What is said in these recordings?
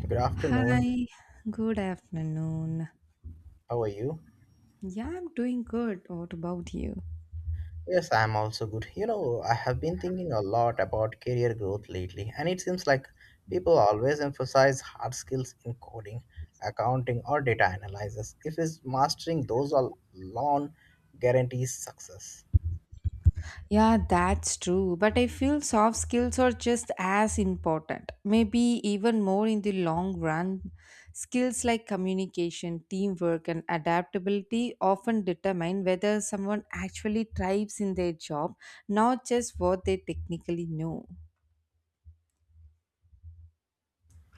Good afternoon. Hi, good afternoon. How are you? Yeah, I'm doing good. What about you? Yes, I'm also good. You know, I have been thinking a lot about career growth lately, and it seems like people always emphasize hard skills in coding, accounting, or data analysis. If is mastering those alone guarantees success. Yeah, that's true. But I feel soft skills are just as important, maybe even more in the long run. Skills like communication, teamwork, and adaptability often determine whether someone actually thrives in their job, not just what they technically know.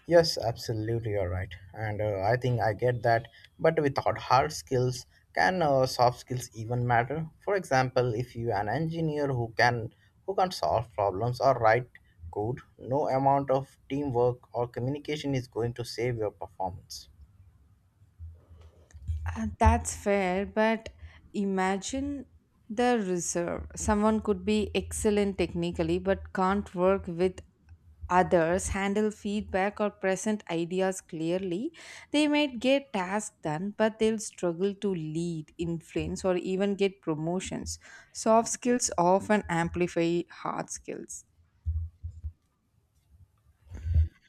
Yes, absolutely, you're right. And I think I get that. But without hard skills, can soft skills even matter? For example, if you an engineer who can solve problems or write code, no amount of teamwork or communication is going to save your performance. That's fair, but imagine the reserve. Someone could be excellent technically but can't work with others, handle feedback, or present ideas clearly. They might get tasks done, but they'll struggle to lead, influence, or even get promotions. Soft skills often amplify hard skills.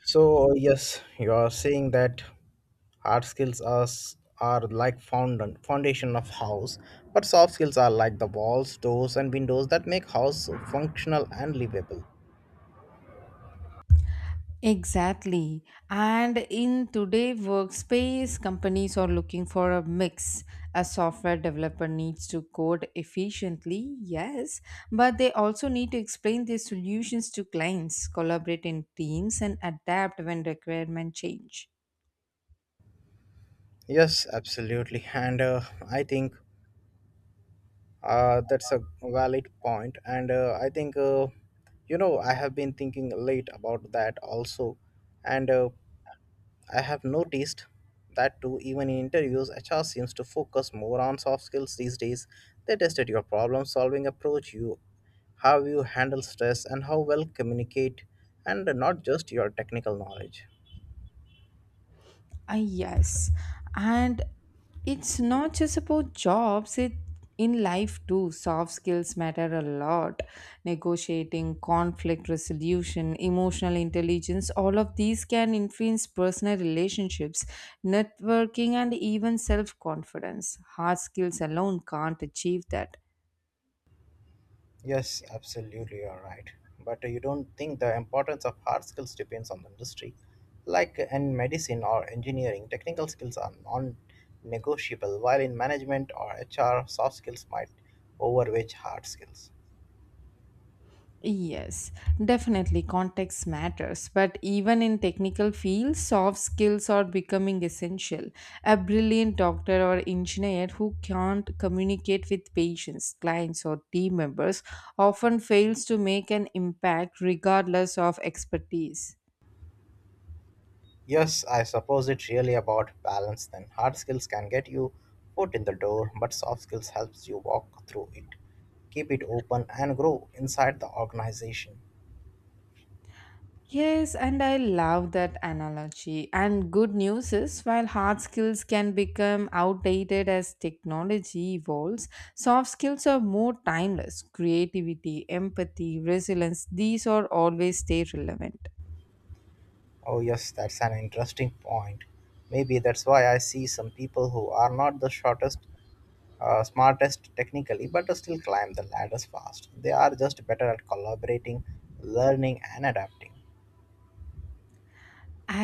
So yes, you are saying that hard skills are like foundation of house, but soft skills are like the walls, doors, and windows that make house functional and livable. Exactly. And in today workspace, companies are looking for a mix. A software developer needs to code efficiently, yes, but they also need to explain their solutions to clients, collaborate in teams, and adapt when requirements change. Yes, absolutely. And I think that's a valid point. And you know, I have been thinking late about that also. And I have noticed that too, even in interviews, HR seems to focus more on soft skills these days. They tested your problem solving approach, you how you handle stress, and how well communicate, and not just your technical knowledge. Yes, and it's not just about jobs, it in life too. Soft skills matter a lot. Negotiating, conflict resolution, emotional intelligence, all of these can influence personal relationships, networking, and even self confidence. Hard skills alone can't achieve that. Yes, absolutely, you're right. But you don't think the importance of hard skills depends on the industry. Like in medicine or engineering, technical skills are non negotiable, while in management or HR, soft skills might overweigh hard skills. Yes, definitely context matters, but even in technical fields, soft skills are becoming essential. A brilliant doctor or engineer who can't communicate with patients, clients, or team members often fails to make an impact regardless of expertise. Yes, I suppose it's really about balance then. Hard skills can get you foot in the door, but soft skills helps you walk through it, keep it open and grow inside the organization. Yes, and I love that analogy. And good news is, while hard skills can become outdated as technology evolves, soft skills are more timeless. Creativity, empathy, resilience, these are always stay relevant. Oh, yes, that's an interesting point. Maybe that's why I see some people who are not the shortest, smartest technically, but still climb the ladders fast. They are just better at collaborating, learning, and adapting.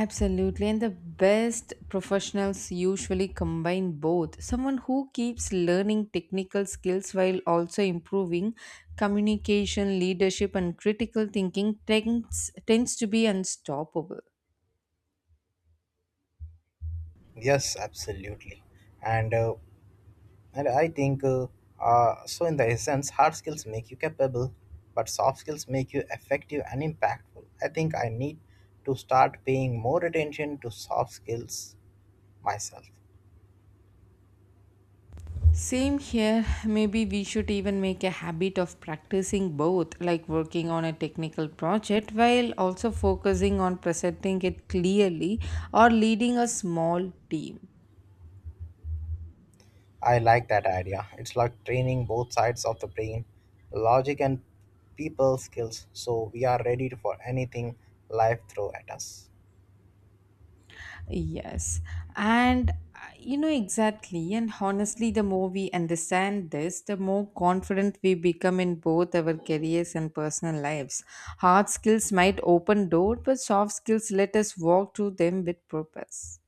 Absolutely, and the best professionals usually combine both. Someone who keeps learning technical skills while also improving communication, leadership, and critical thinking tends to be unstoppable. Yes, absolutely. And uh, and I think so. in the essence, hard skills make you capable, but soft skills make you effective and impactful. I think I need to start paying more attention to soft skills myself. Same here. Maybe we should even make a habit of practicing both, like working on a technical project while also focusing on presenting it clearly or leading a small team. I like that idea. It's like training both sides of the brain, logic and people skills, so we are ready for anything life throw at us. Yes. And you know exactly. And honestly, the more we understand this, the more confident we become in both our careers and personal lives. Hard skills might open doors, but soft skills let us walk through them with purpose.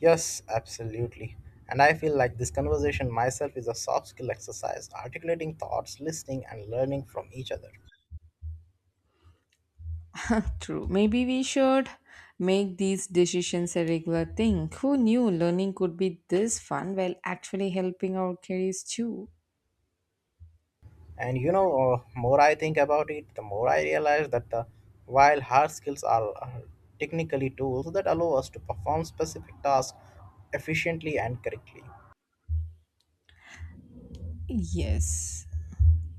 Yes, absolutely. And I feel like this conversation myself is a soft skill exercise, articulating thoughts, listening, and learning from each other. True. Maybe we should make these decisions a regular thing. Who knew learning could be this fun while actually helping our careers too? And you know, more I think about it, the more I realize that the while hard skills are technically tools that allow us to perform specific tasks efficiently and correctly. Yes.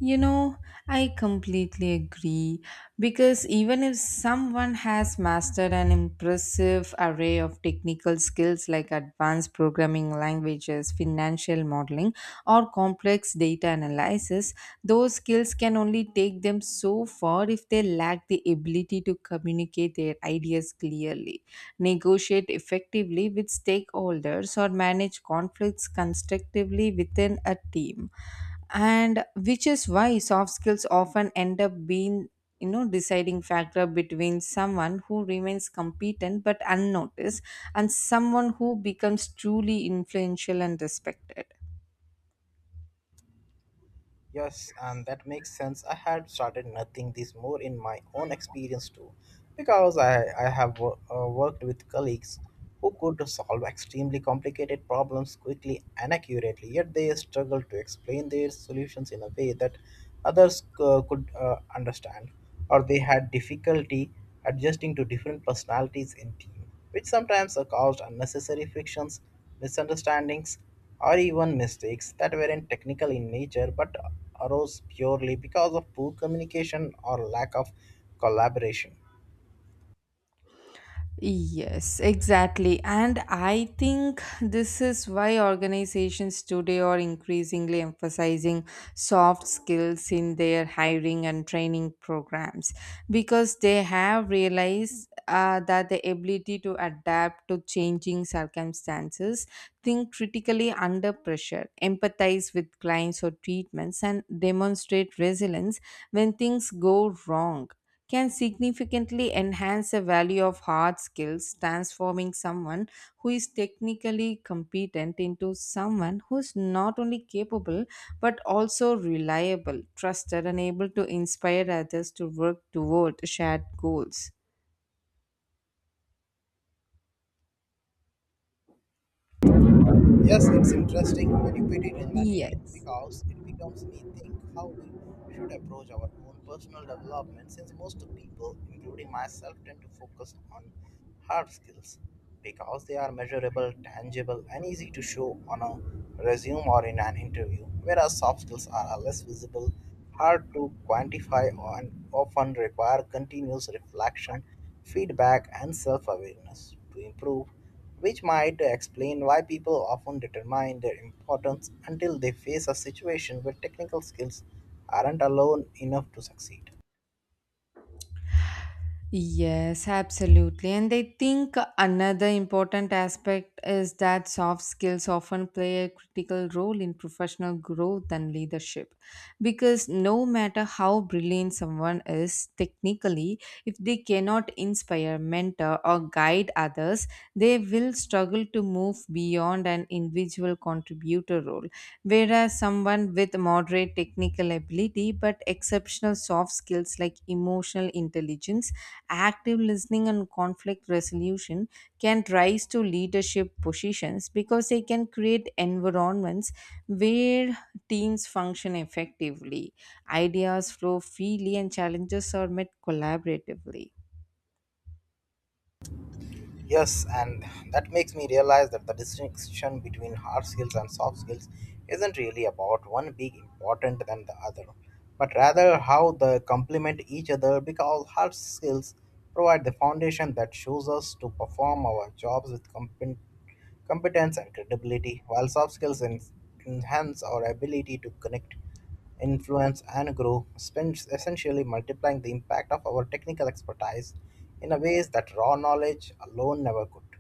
You know, I completely agree because even if someone has mastered an impressive array of technical skills like advanced programming languages, financial modeling, or complex data analysis, those skills can only take them so far if they lack the ability to communicate their ideas clearly negotiate effectively with stakeholders, or manage conflicts constructively within a team. And which is why soft skills often end up being you know deciding factor between someone who remains competent but unnoticed and someone who becomes truly influential and respected. Yes, and that makes sense. I had started nothing this more in my own experience too, because I have worked with colleagues who could solve extremely complicated problems quickly and accurately, yet they struggled to explain their solutions in a way that others could understand, or they had difficulty adjusting to different personalities in team, which sometimes caused unnecessary frictions, misunderstandings, or even mistakes that weren't technical in nature but arose purely because of poor communication or lack of collaboration. Yes, exactly. And I think this is why organizations today are increasingly emphasizing soft skills in their hiring and training programs because they have realized that the ability to adapt to changing circumstances, think critically under pressure, empathize with clients or treatments, and demonstrate resilience when things go wrong can significantly enhance the value of hard skills, transforming someone who is technically competent into someone who is not only capable but also reliable, trusted, and able to inspire others to work toward shared goals. Yes, it's interesting when you put it in that way Yes. because it becomes me think how we should approach our own personal development, since most people, including myself, tend to focus on hard skills because they are measurable, tangible, and easy to show on a resume or in an interview, whereas soft skills are less visible, hard to quantify, and often require continuous reflection, feedback, and self awareness to improve, which might explain why people often determine their importance until they face a situation where technical skills aren't alone enough to succeed. Yes, absolutely. And I think another important aspect is that soft skills often play a critical role in professional growth and leadership. Because no matter how brilliant someone is technically, if they cannot inspire, mentor, or guide others, they will struggle to move beyond an individual contributor role. Whereas someone with moderate technical ability but exceptional soft skills like emotional intelligence active listening and conflict resolution can rise to leadership positions because they can create environments where teams function effectively, ideas flow freely, and challenges are met collaboratively. Yes, and that makes me realize that the distinction between hard skills and soft skills isn't really about one being important than the other, but rather how they complement each other, because hard skills provide the foundation that shows us to perform our jobs with competence, competence and credibility, while soft skills enhance our ability to connect, influence, and grow, spend essentially multiplying the impact of our technical expertise in a ways that raw knowledge alone never could.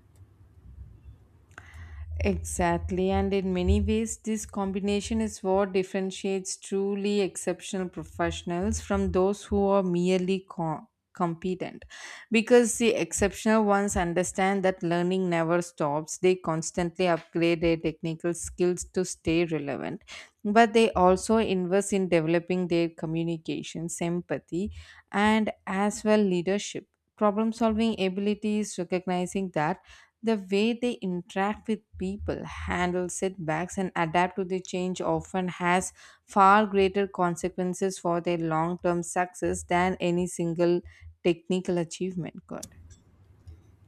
Exactly, and in many ways, this combination is what differentiates truly exceptional professionals from those who are merely competent. Because the exceptional ones understand that learning never stops, they constantly upgrade their technical skills to stay relevant, but they also invest in developing their communication, empathy, and as well leadership. Problem solving abilities, recognizing that the way they interact with people, handle setbacks, and adapt to the change often has far greater consequences for their long term success than any single technical achievement could.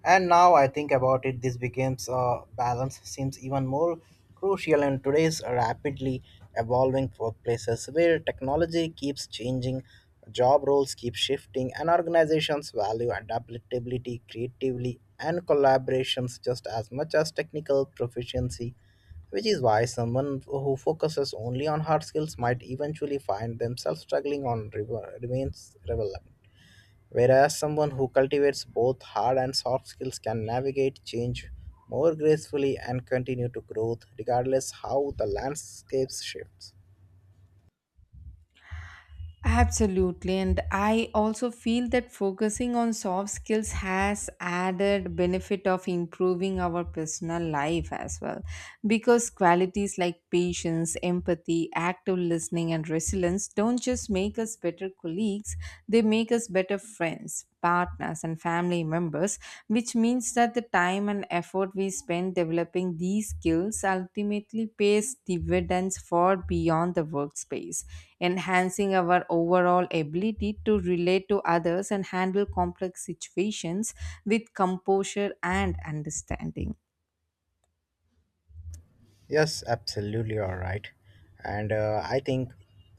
And now I think about it, this becomes a balance seems even more crucial in today's rapidly evolving workplaces where technology keeps changing, job roles keep shifting, and organizations value adaptability, creativity, and collaborations just as much as technical proficiency. Which is why someone who focuses only on hard skills might eventually find themselves struggling on remains relevant. Whereas someone who cultivates both hard and soft skills can navigate change more gracefully and continue to grow regardless how the landscape shifts. Absolutely, and I also feel that focusing on soft skills has added benefit of improving our personal life as well because qualities like patience, empathy, active listening and resilience don't just make us better colleagues, they make us better friends partners and family members, which means that the time and effort we spend developing these skills ultimately pays dividends far beyond the workspace, enhancing our overall ability to relate to others and handle complex situations with composure and understanding. Yes, absolutely, all right. And I think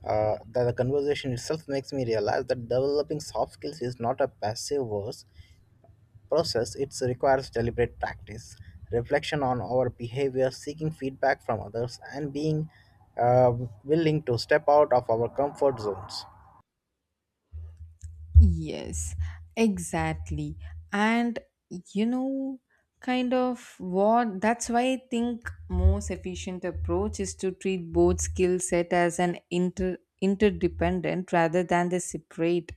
that the conversation itself makes me realize that developing soft skills is not a passive verse process. It requires deliberate practice, reflection on our behavior, seeking feedback from others, and being uh, willing to step out of our comfort zones. Yes, exactly. And you know, kind of what that's why I think most efficient approach is to treat both skill set as an interdependent rather than the separate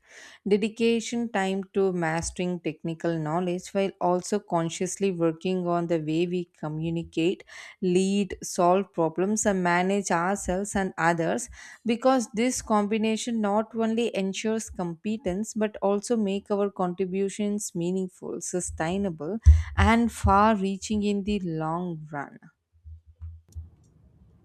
dedication time to mastering technical knowledge while also consciously working on the way we communicate, lead, solve problems, and manage ourselves and others because this combination not only ensures competence but also make our contributions meaningful, sustainable, and far reaching in the long run.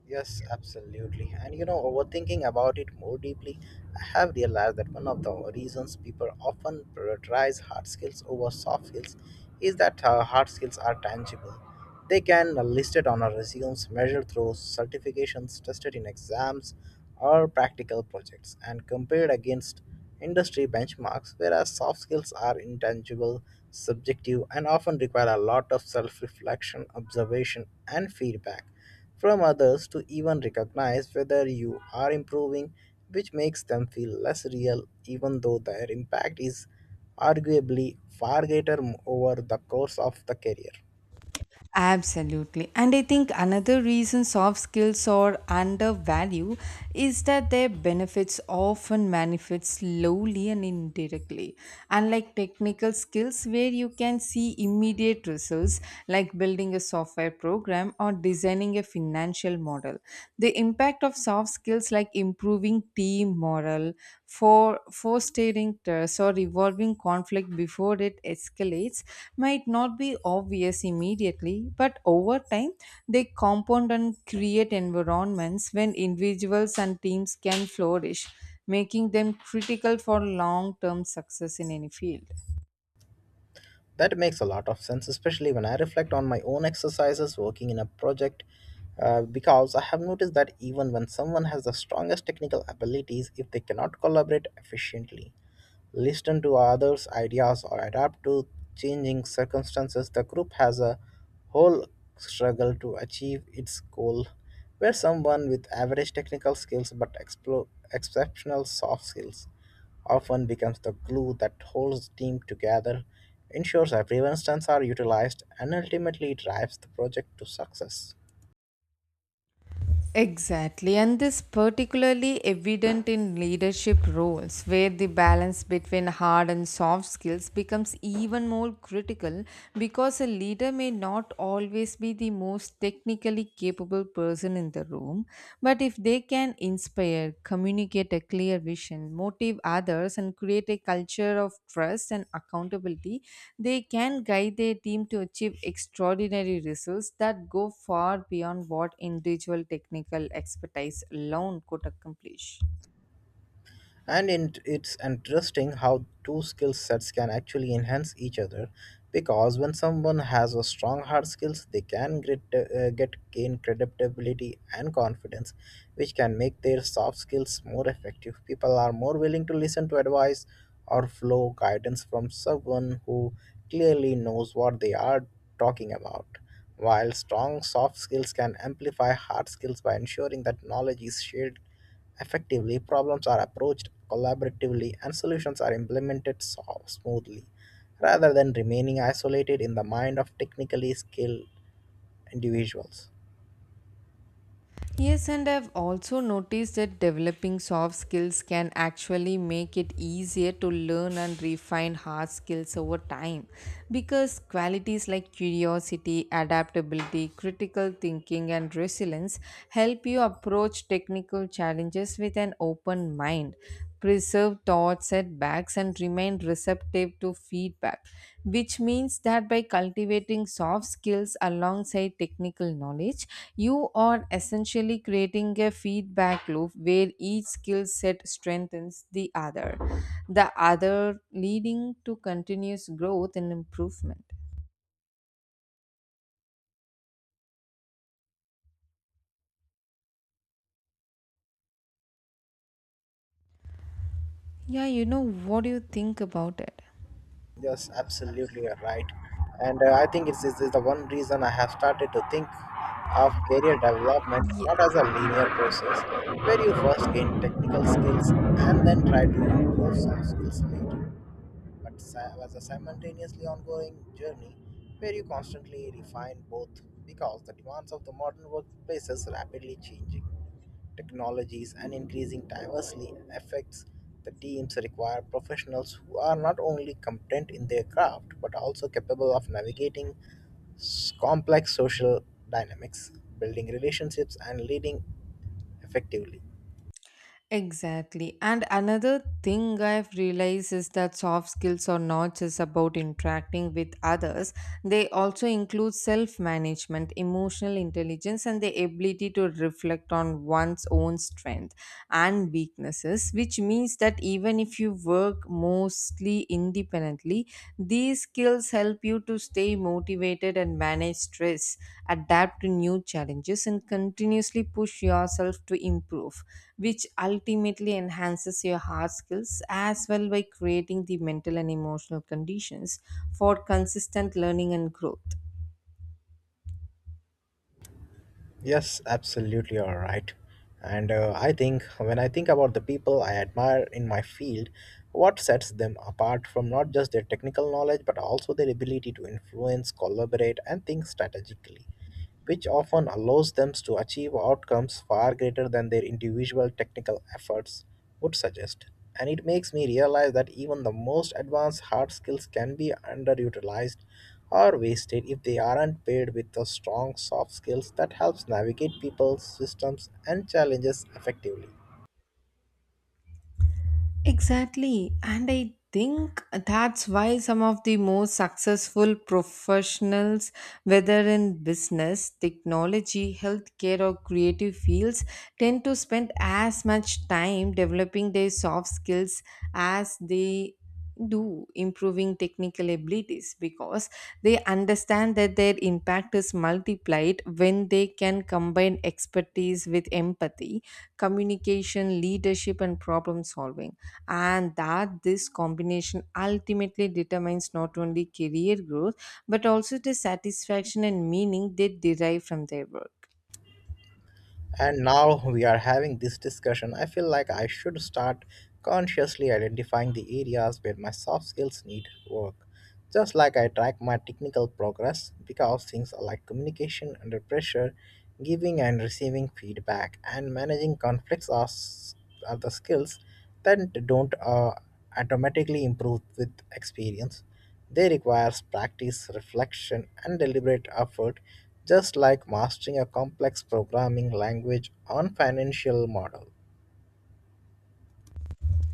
Yes, absolutely. And you know, overthinking about it more deeply, I have realized that one of the reasons people often prioritize hard skills over soft skills is that hard skills are tangible. They can be listed on our resumes, measured through certifications, tested in exams or practical projects, and compared against industry benchmarks, whereas soft skills are intangible, subjective, and often require a lot of self reflection, observation, and feedback from others to even recognize whether you are improving, which makes them feel less real, even though their impact is arguably far greater over the course of the career. Absolutely. And I think another reason soft skills are undervalued is that their benefits often manifest slowly and indirectly. Unlike technical skills, where you can see immediate results, like building a software program or designing a financial model, the impact of soft skills, like improving team morale, for fosteering trust or revolving conflict before it escalates might not be obvious immediately, but over time they compound and create environments when individuals and teams can flourish, making them critical for long term success in any field. That makes a lot of sense, especially when I reflect on my own exercises working in a project, because I have noticed that even when someone has the strongest technical abilities, if they cannot collaborate efficiently, listen to others' ideas, or adapt to changing circumstances, the group has a whole struggle to achieve its goal. Where someone with average technical skills but exceptional soft skills often becomes the glue that holds the team together, ensures everyone's strengths are utilized, and ultimately drives the project to success. Exactly, and this particularly evident in leadership roles where the balance between hard and soft skills becomes even more critical because a leader may not always be the most technically capable person in the room, but if they can inspire, communicate a clear vision, motive others, and create a culture of trust and accountability, they can guide their team to achieve extraordinary results that go far beyond what individual technical expertise alone could accomplish. And in, it's interesting how two skill sets can actually enhance each other, because when someone has a strong hard skills, they can get gain credibility and confidence, which can make their soft skills more effective. People are more willing to listen to advice or flow guidance from someone who clearly knows what they are talking about. While strong soft skills can amplify hard skills by ensuring that knowledge is shared effectively, problems are approached collaboratively, and solutions are implemented smoothly, rather than remaining isolated in the mind of technically skilled individuals. Yes, and I've also noticed that developing soft skills can actually make it easier to learn and refine hard skills over time because qualities like curiosity, adaptability, critical thinking, and resilience help you approach technical challenges with an open mind, preserve thought setbacks and remain receptive to feedback, which means that by cultivating soft skills alongside technical knowledge you are essentially creating a feedback loop where each skill set strengthens the other, leading to continuous growth and improvement. Yeah, you know, what do you think about it? Yes, absolutely, you're right. And I think it's, this is the one reason I have started to think of career development not as Yes. a linear process, where you first gain technical skills and then try to improve soft skills later, but was a simultaneously ongoing journey where you constantly refine both, because the demands of the modern workplaces rapidly changing technologies and increasing diversely affects the teams require professionals who are not only competent in their craft but also capable of navigating complex social dynamics, building relationships, and leading effectively. Exactly. And another thing I've realized is that soft skills are not just about interacting with others, they also include self management, emotional intelligence, and the ability to reflect on one's own strength and weaknesses, which means that even if you work mostly independently, these skills help you to stay motivated and manage stress, adapt to new challenges, and continuously push yourself to improve, which ultimately enhances your hard skills as well by creating the mental and emotional conditions for consistent learning and growth. Yes, absolutely, all right. And I think when I think about the people I admire in my field, what sets them apart from not just their technical knowledge but also their ability to influence, collaborate, and think strategically, which often allows them to achieve outcomes far greater than their individual technical efforts would suggest. And it makes me realize that even the most advanced hard skills can be underutilized or wasted if they aren't paired with the strong soft skills that helps navigate people, systems, and challenges effectively. Exactly. And I think that's why some of the most successful professionals, whether in business, technology, healthcare, or creative fields, tend to spend as much time developing their soft skills as they do improving technical abilities because they understand that their impact is multiplied when they can combine expertise with empathy, communication, leadership, and problem solving, and that this combination ultimately determines not only career growth but also the satisfaction and meaning they derive from their work. And now we are having this discussion, I feel like I should start consciously identifying the areas where my soft skills need work. Just like I track my technical progress, because things like communication under pressure, giving and receiving feedback, and managing conflicts are the skills that don't automatically improve with experience. They require practice, reflection, and deliberate effort, just like mastering a complex programming language or financial model.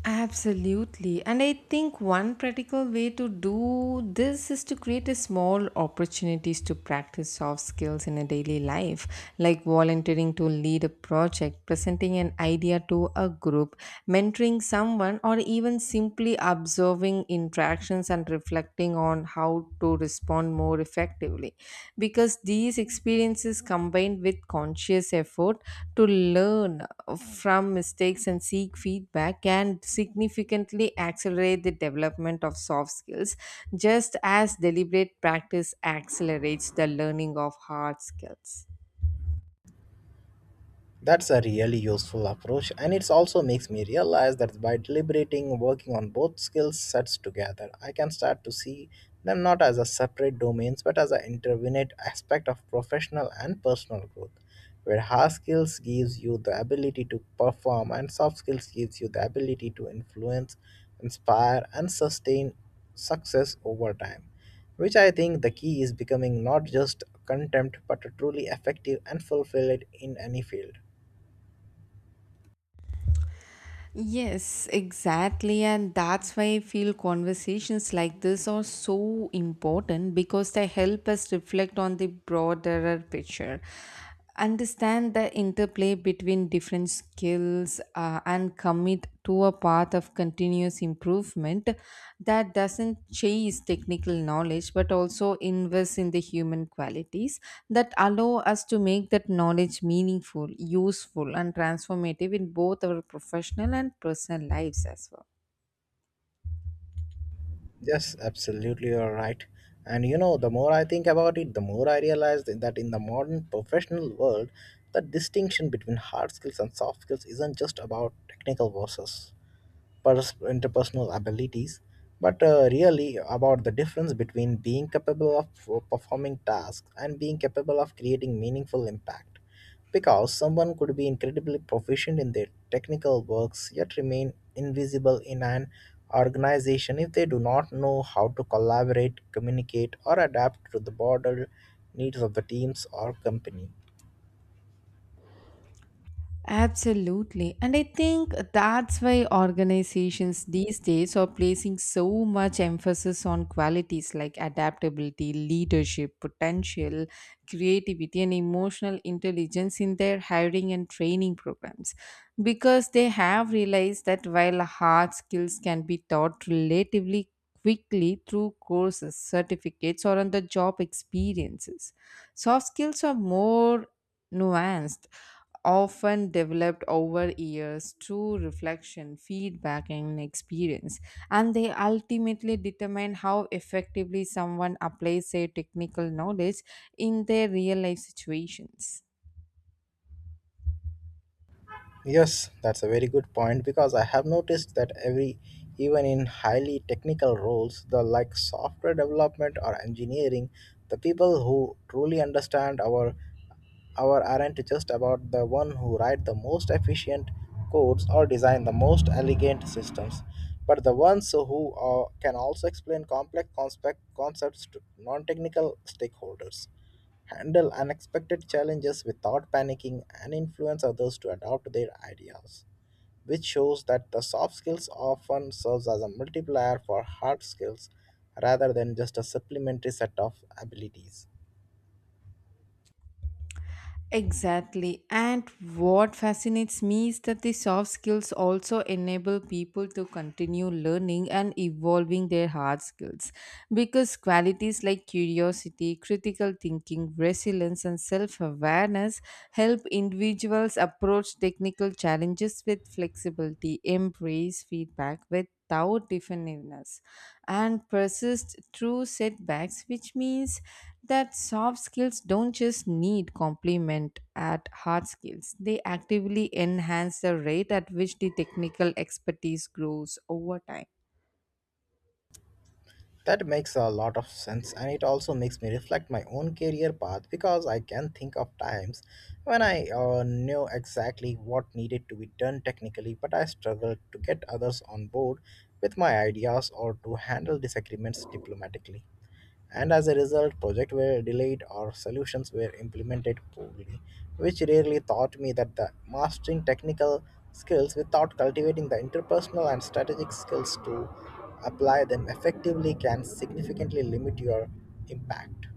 Absolutely. And I think one practical way to do this is to create a small opportunities to practice soft skills in a daily life, like volunteering to lead a project, presenting an idea to a group, mentoring someone, or even simply observing interactions and reflecting on how to respond more effectively because these experiences combined with conscious effort to learn from mistakes and seek feedback can significantly accelerate the development of soft skills just as deliberate practice accelerates the learning of hard skills. That's a really useful approach, and it also makes me realize that by deliberating, working on both skill sets together, I can start to see them not as a separate domains but as an intervenant aspect of professional and personal growth, where hard skills gives you the ability to perform and soft skills gives you the ability to influence, inspire, and sustain success over time. Which I think the key is becoming not just contempt but a truly effective and fulfilled in any field. Yes, exactly. And that's why I feel conversations like this are so important because they help us reflect on the broader picture, understand the interplay between different skills, and commit to a path of continuous improvement that doesn't chase technical knowledge but also invests in the human qualities that allow us to make that knowledge meaningful, useful, and transformative in both our professional and personal lives as well. Yes, absolutely, you're right. And you know, the more I think about it, the more I realize that in the modern professional world, the distinction between hard skills and soft skills isn't just about technical versus interpersonal abilities, but really about the difference between being capable of performing tasks and being capable of creating meaningful impact. Because someone could be incredibly proficient in their technical works yet remain invisible in an organization if they do not know how to collaborate, communicate, or adapt to the broader needs of the teams or company. Absolutely. And I think that's why organizations these days are placing so much emphasis on qualities like adaptability, leadership, potential, creativity, and emotional intelligence in their hiring and training programs. Because they have realized that while hard skills can be taught relatively quickly through courses, certificates, or on the job experiences, soft skills are more nuanced, often developed over years through reflection, feedback, and experience, and they ultimately determine how effectively someone applies their technical knowledge in their real life situations. Yes, that's a very good point because I have noticed that every even in highly technical roles, the like software development or engineering, the people who truly understand our aren't just about the one who write the most efficient codes or design the most elegant systems, but the ones who can also explain complex concepts to non-technical stakeholders, handle unexpected challenges without panicking, and influence others to adopt their ideas, which shows that the soft skills often serves as a multiplier for hard skills rather than just a supplementary set of abilities. Exactly. And what fascinates me is that the soft skills also enable people to continue learning and evolving their hard skills. Because qualities like curiosity, critical thinking, resilience, and self awareness help individuals approach technical challenges with flexibility, embrace feedback without defensiveness and persist through setbacks, which means that soft skills don't just need complement at hard skills, they actively enhance the rate at which the technical expertise grows over time. That makes a lot of sense, and it also makes me reflect my own career path because I can think of times when I knew exactly what needed to be done technically, but I struggled to get others on board with my ideas or to handle disagreements diplomatically, and as a result projects were delayed or solutions were implemented poorly, which rarely taught me that the mastering technical skills without cultivating the interpersonal and strategic skills to apply them effectively can significantly limit your impact.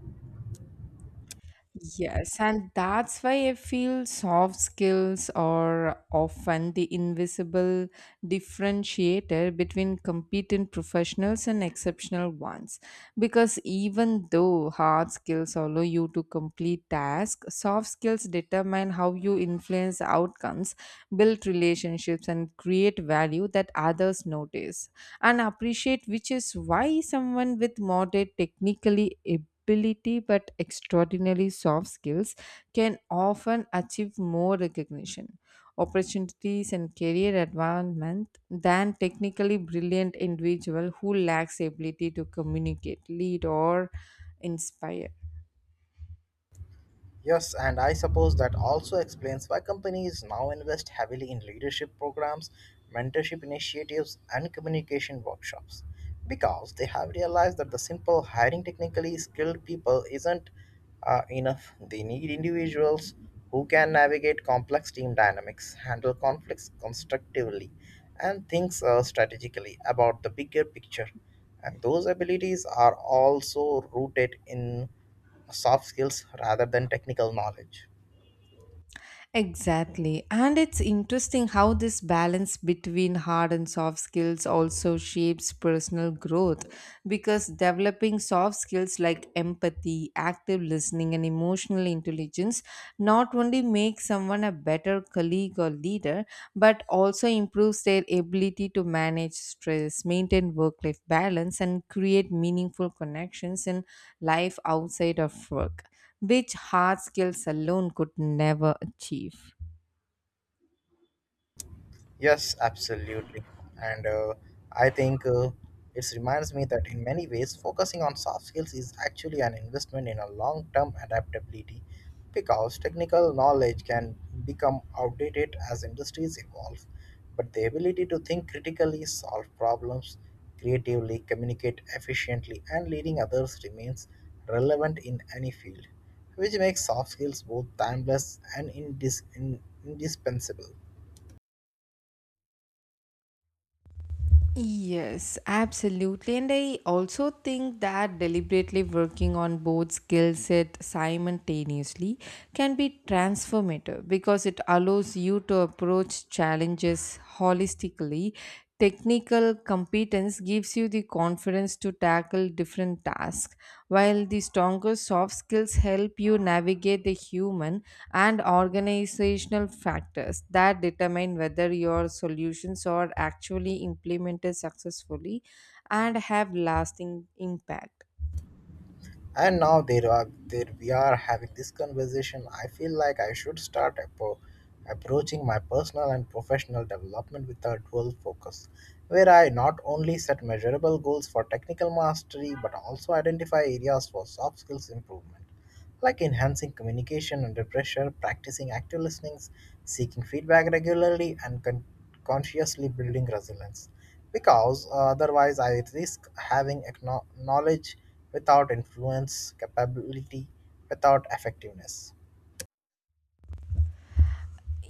Yes, and that's why I feel soft skills are often the invisible differentiator between competent professionals and exceptional ones. Because even though hard skills allow you to complete tasks, soft skills determine how you influence outcomes, build relationships, and create value that others notice and appreciate, which is why someone with moderate technically ability but extraordinarily soft skills can often achieve more recognition, opportunities, and career advancement than technically brilliant individual who lacks the ability to communicate, lead, or inspire. Yes, and I suppose that also explains why companies now invest heavily in leadership programs, mentorship initiatives, and communication workshops. Because they have realized that the simple hiring technically skilled people isn't enough. They need individuals who can navigate complex team dynamics, handle conflicts constructively, and think strategically about the bigger picture. And those abilities are also rooted in soft skills rather than technical knowledge. Exactly. And it's interesting how this balance between hard and soft skills also shapes personal growth because developing soft skills like empathy, active listening, and emotional intelligence not only makes someone a better colleague or leader, but also improves their ability to manage stress, maintain work life balance, and create meaningful connections in life outside of work which hard skills alone could never achieve. Yes, absolutely. And I think it reminds me that in many ways, focusing on soft skills is actually an investment in a long term adaptability because technical knowledge can become outdated as industries evolve. But the ability to think critically, solve problems creatively, communicate efficiently, and leading others remains relevant in any field, which makes soft skills both timeless and indispensable. Yes, absolutely. And I also think that deliberately working on both skill set simultaneously can be transformative because it allows you to approach challenges holistically. Technical competence gives you the confidence to tackle different tasks, while the stronger soft skills help you navigate the human and organizational factors that determine whether your solutions are actually implemented successfully and have lasting impact. And now there are there we are having this conversation. I feel like I should start approaching my personal and professional development with a dual focus, where I not only set measurable goals for technical mastery but also identify areas for soft skills improvement, like enhancing communication under pressure, practicing active listening, seeking feedback regularly, and consciously building resilience. Because otherwise, I risk having knowledge without influence, capability without effectiveness.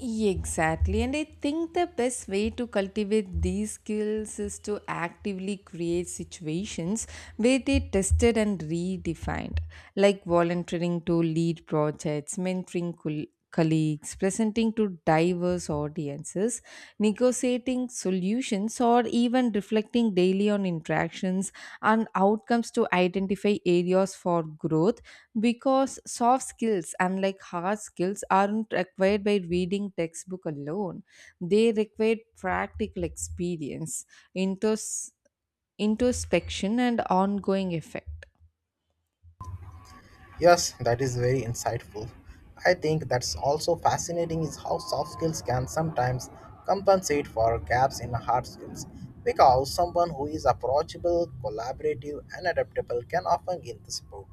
Exactly, and I think the best way to cultivate these skills is to actively create situations where they tested and redefined, like volunteering to lead projects, mentoring colleagues, presenting to diverse audiences, creating solutions or even reflecting daily on interactions and outcomes to identify areas for growth because soft skills unlike hard skills aren't acquired by reading textbook alone they require practical experience intos- introspection and ongoing effect. Yes, that is very insightful. I think that's also fascinating is how soft skills can sometimes compensate for gaps in hard skills. Because someone who is approachable, collaborative, and adaptable can often gain the support,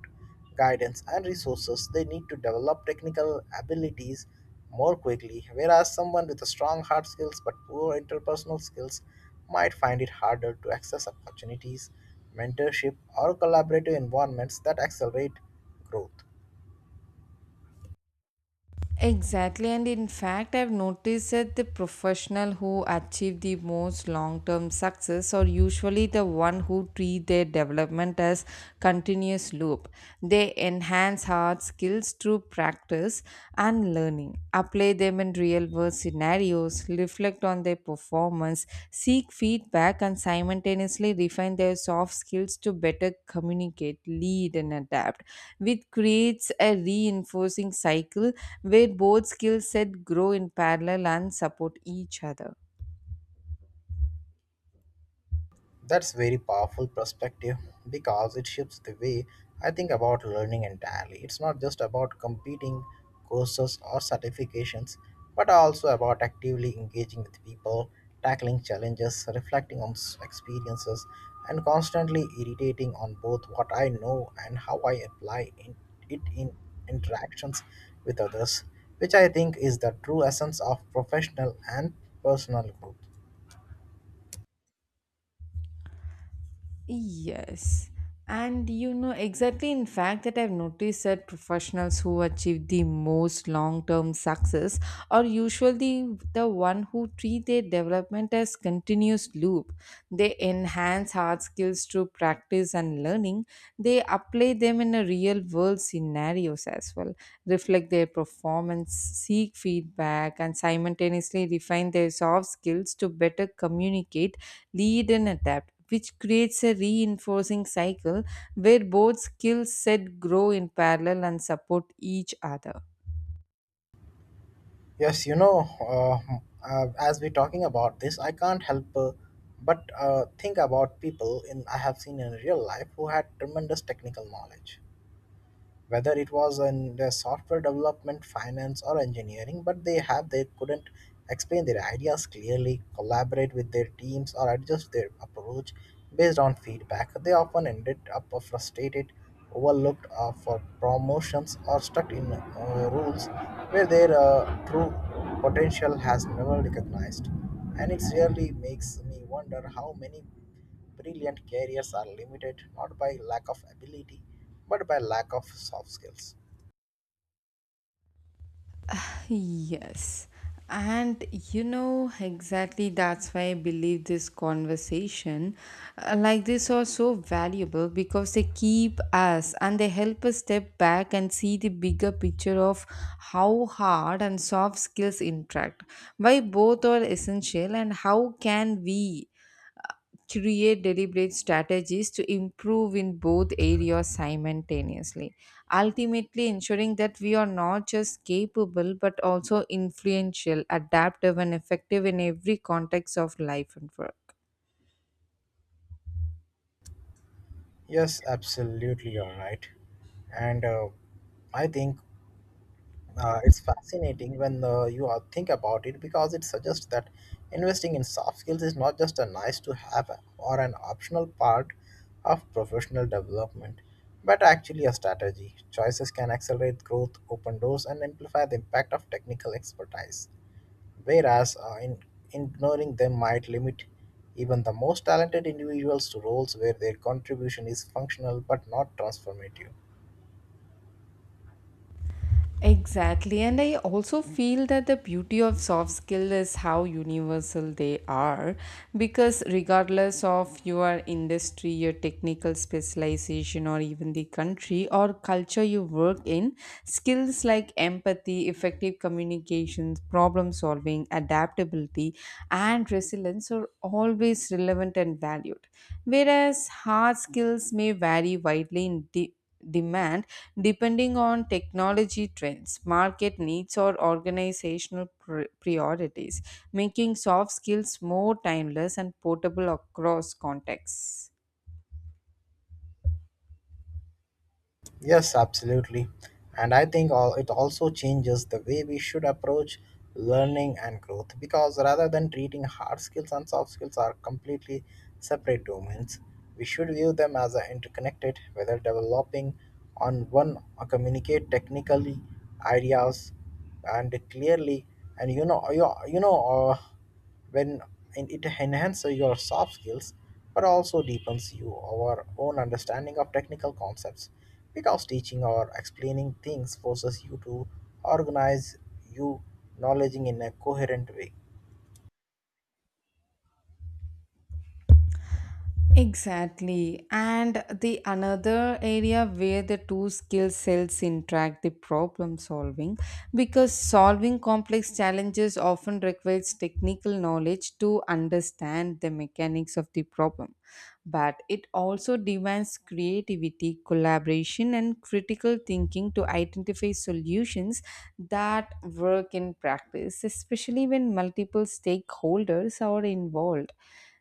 guidance, and resources they need to develop technical abilities more quickly, whereas someone with a strong hard skills but poor interpersonal skills might find it harder to access opportunities, mentorship, or collaborative environments that accelerate growth. Exactly, and in fact, I've noticed that the professional who achieve the most long-term success are usually the one who treat their development as continuous loop. They enhance hard skills through practice and learning, apply them in real diverse scenarios, reflect on their performance, seek feedback, and simultaneously refine their soft skills to better communicate, lead, and adapt, which creates a reinforcing cycle where both skill sets grow in parallel and support each other. That's very powerful perspective because it shifts the way I think about learning entirely. It's not just about competing courses or certifications, but also about actively engaging with people, tackling challenges, reflecting on experiences, and constantly irritating on both what I know and how I apply in, it in interactions with others, which I think is the true essence of professional and personal growth. Yes. And you know, exactly in fact, that I've noticed that professionals who achieve the most long term success are usually the one who treat their development as continuous loop. They enhance hard skills through practice and learning. They apply them in a real world scenarios as well, reflect their performance, seek feedback, and simultaneously refine their soft skills to better communicate lead and adapt, which creates a reinforcing cycle where both skill set grow in parallel and support each other. Yes, as we're talking about this, I can't help but think about people in I have seen in real life who had tremendous technical knowledge, whether it was in the software development, finance, or engineering, but they couldn't explain their ideas clearly, collaborate with their teams, or adjust their approach based on feedback. They often ended up frustrated, overlooked for promotions, or stuck in rules where their true potential has never recognized. And it really makes me wonder how many brilliant careers are limited not by lack of ability, but by lack of soft skills. Yes. And you know, exactly that's why I believe this conversation like this are so valuable because they keep us and they help us step back and see the bigger picture of how hard and soft skills interact, why both are essential, and how can we create deliberate strategies to improve in both areas simultaneously ultimately ensuring that we are not just capable but also influential adaptive and effective in every context of life and work. Yes, absolutely, you're right. And I think it's fascinating when think about it because it suggests that investing in soft skills is not just a nice to have or an optional part of professional development, but actually a strategy. Choices can accelerate growth, open doors, and amplify the impact of technical expertise, whereas ignoring them might limit even the most talented individuals to roles where their contribution is functional but not transformative. Exactly, and I also feel that the beauty of soft skill is how universal they are because regardless of your industry, your technical specialization, or even the country or culture you work in, skills like empathy, effective communications, problem solving, adaptability, and resilience are always relevant and valued. Whereas hard skills may vary widely in demand depending on technology trends, market needs, or organizational priorities, making soft skills more timeless and portable across contexts. Yes, absolutely. And I think all, it also changes the way we should approach learning and growth because rather than treating hard skills and soft skills are completely separate domains, we should view them as a interconnected, whether developing on one or communicate technically ideas and clearly and when and it enhances your soft skills but also deepens you our own understanding of technical concepts because teaching or explaining things forces you to organize your knowledge in a coherent way. Exactly. And the another area where the two skill sets interact the problem solving because solving complex challenges often requires technical knowledge to understand the mechanics of the problem. But it also demands creativity, collaboration, and critical thinking to identify solutions that work in practice, especially when multiple stakeholders are involved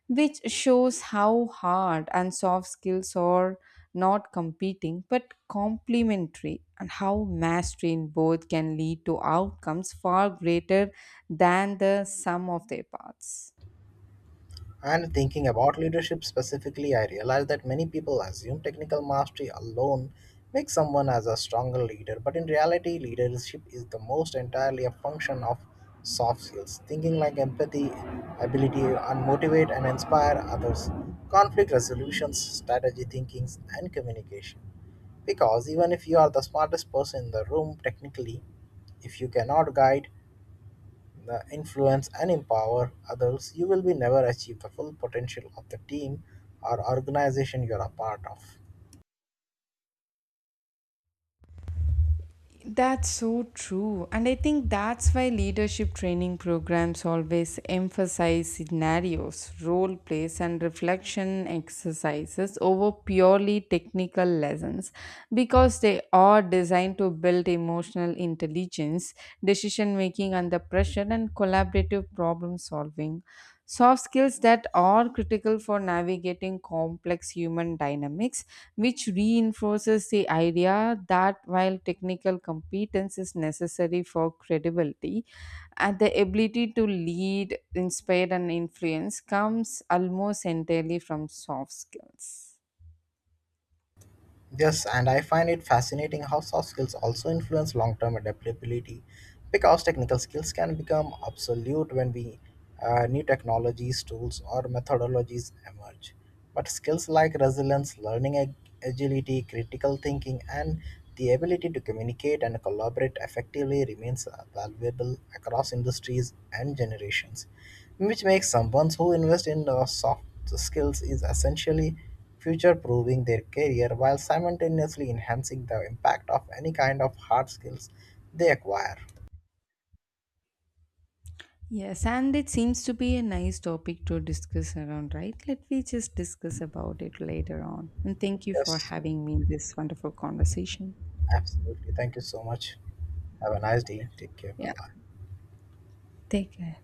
which shows how hard and soft skills are not competing but complementary and how mastery in both can lead to outcomes far greater than the sum of their parts. And thinking about leadership specifically, I realized that many people assume technical mastery alone makes someone as a stronger leader, but in reality, leadership is the most entirely a function of soft skills, thinking like empathy, ability to motivate and inspire others, conflict resolutions, strategy thinking, and communication. Because even if you are the smartest person in the room technically, if you cannot guide the influence, and empower others, you will be never achieve the full potential of the team or organization you are a part of. That's so true. And I think that's why leadership training programs always emphasize scenarios, role plays, and reflection exercises over purely technical lessons because they are designed to build emotional intelligence, decision making under pressure, and collaborative problem solving soft skills that are critical for navigating complex human dynamics which reinforces the idea that while technical competence is necessary for credibility and the ability to lead inspire and influence comes almost entirely from soft skills. Yes, and I find it fascinating how soft skills also influence long term adaptability because technical skills can become obsolete when we, new technologies, tools, or methodologies emerge. But skills like resilience, agility, critical thinking, and the ability to communicate and collaborate effectively remains valuable across industries and generations, which makes someone who invests in soft skills is essentially future-proofing their career while simultaneously enhancing the impact of any kind of hard skills they acquire. Yes, and it seems to be a nice topic to discuss around, right? Let me just discuss about it later on. And thank you for Yes, having me in this wonderful conversation. absolutely. Thank you so much. Have a nice day. Take care. Bye Yeah, bye. take care.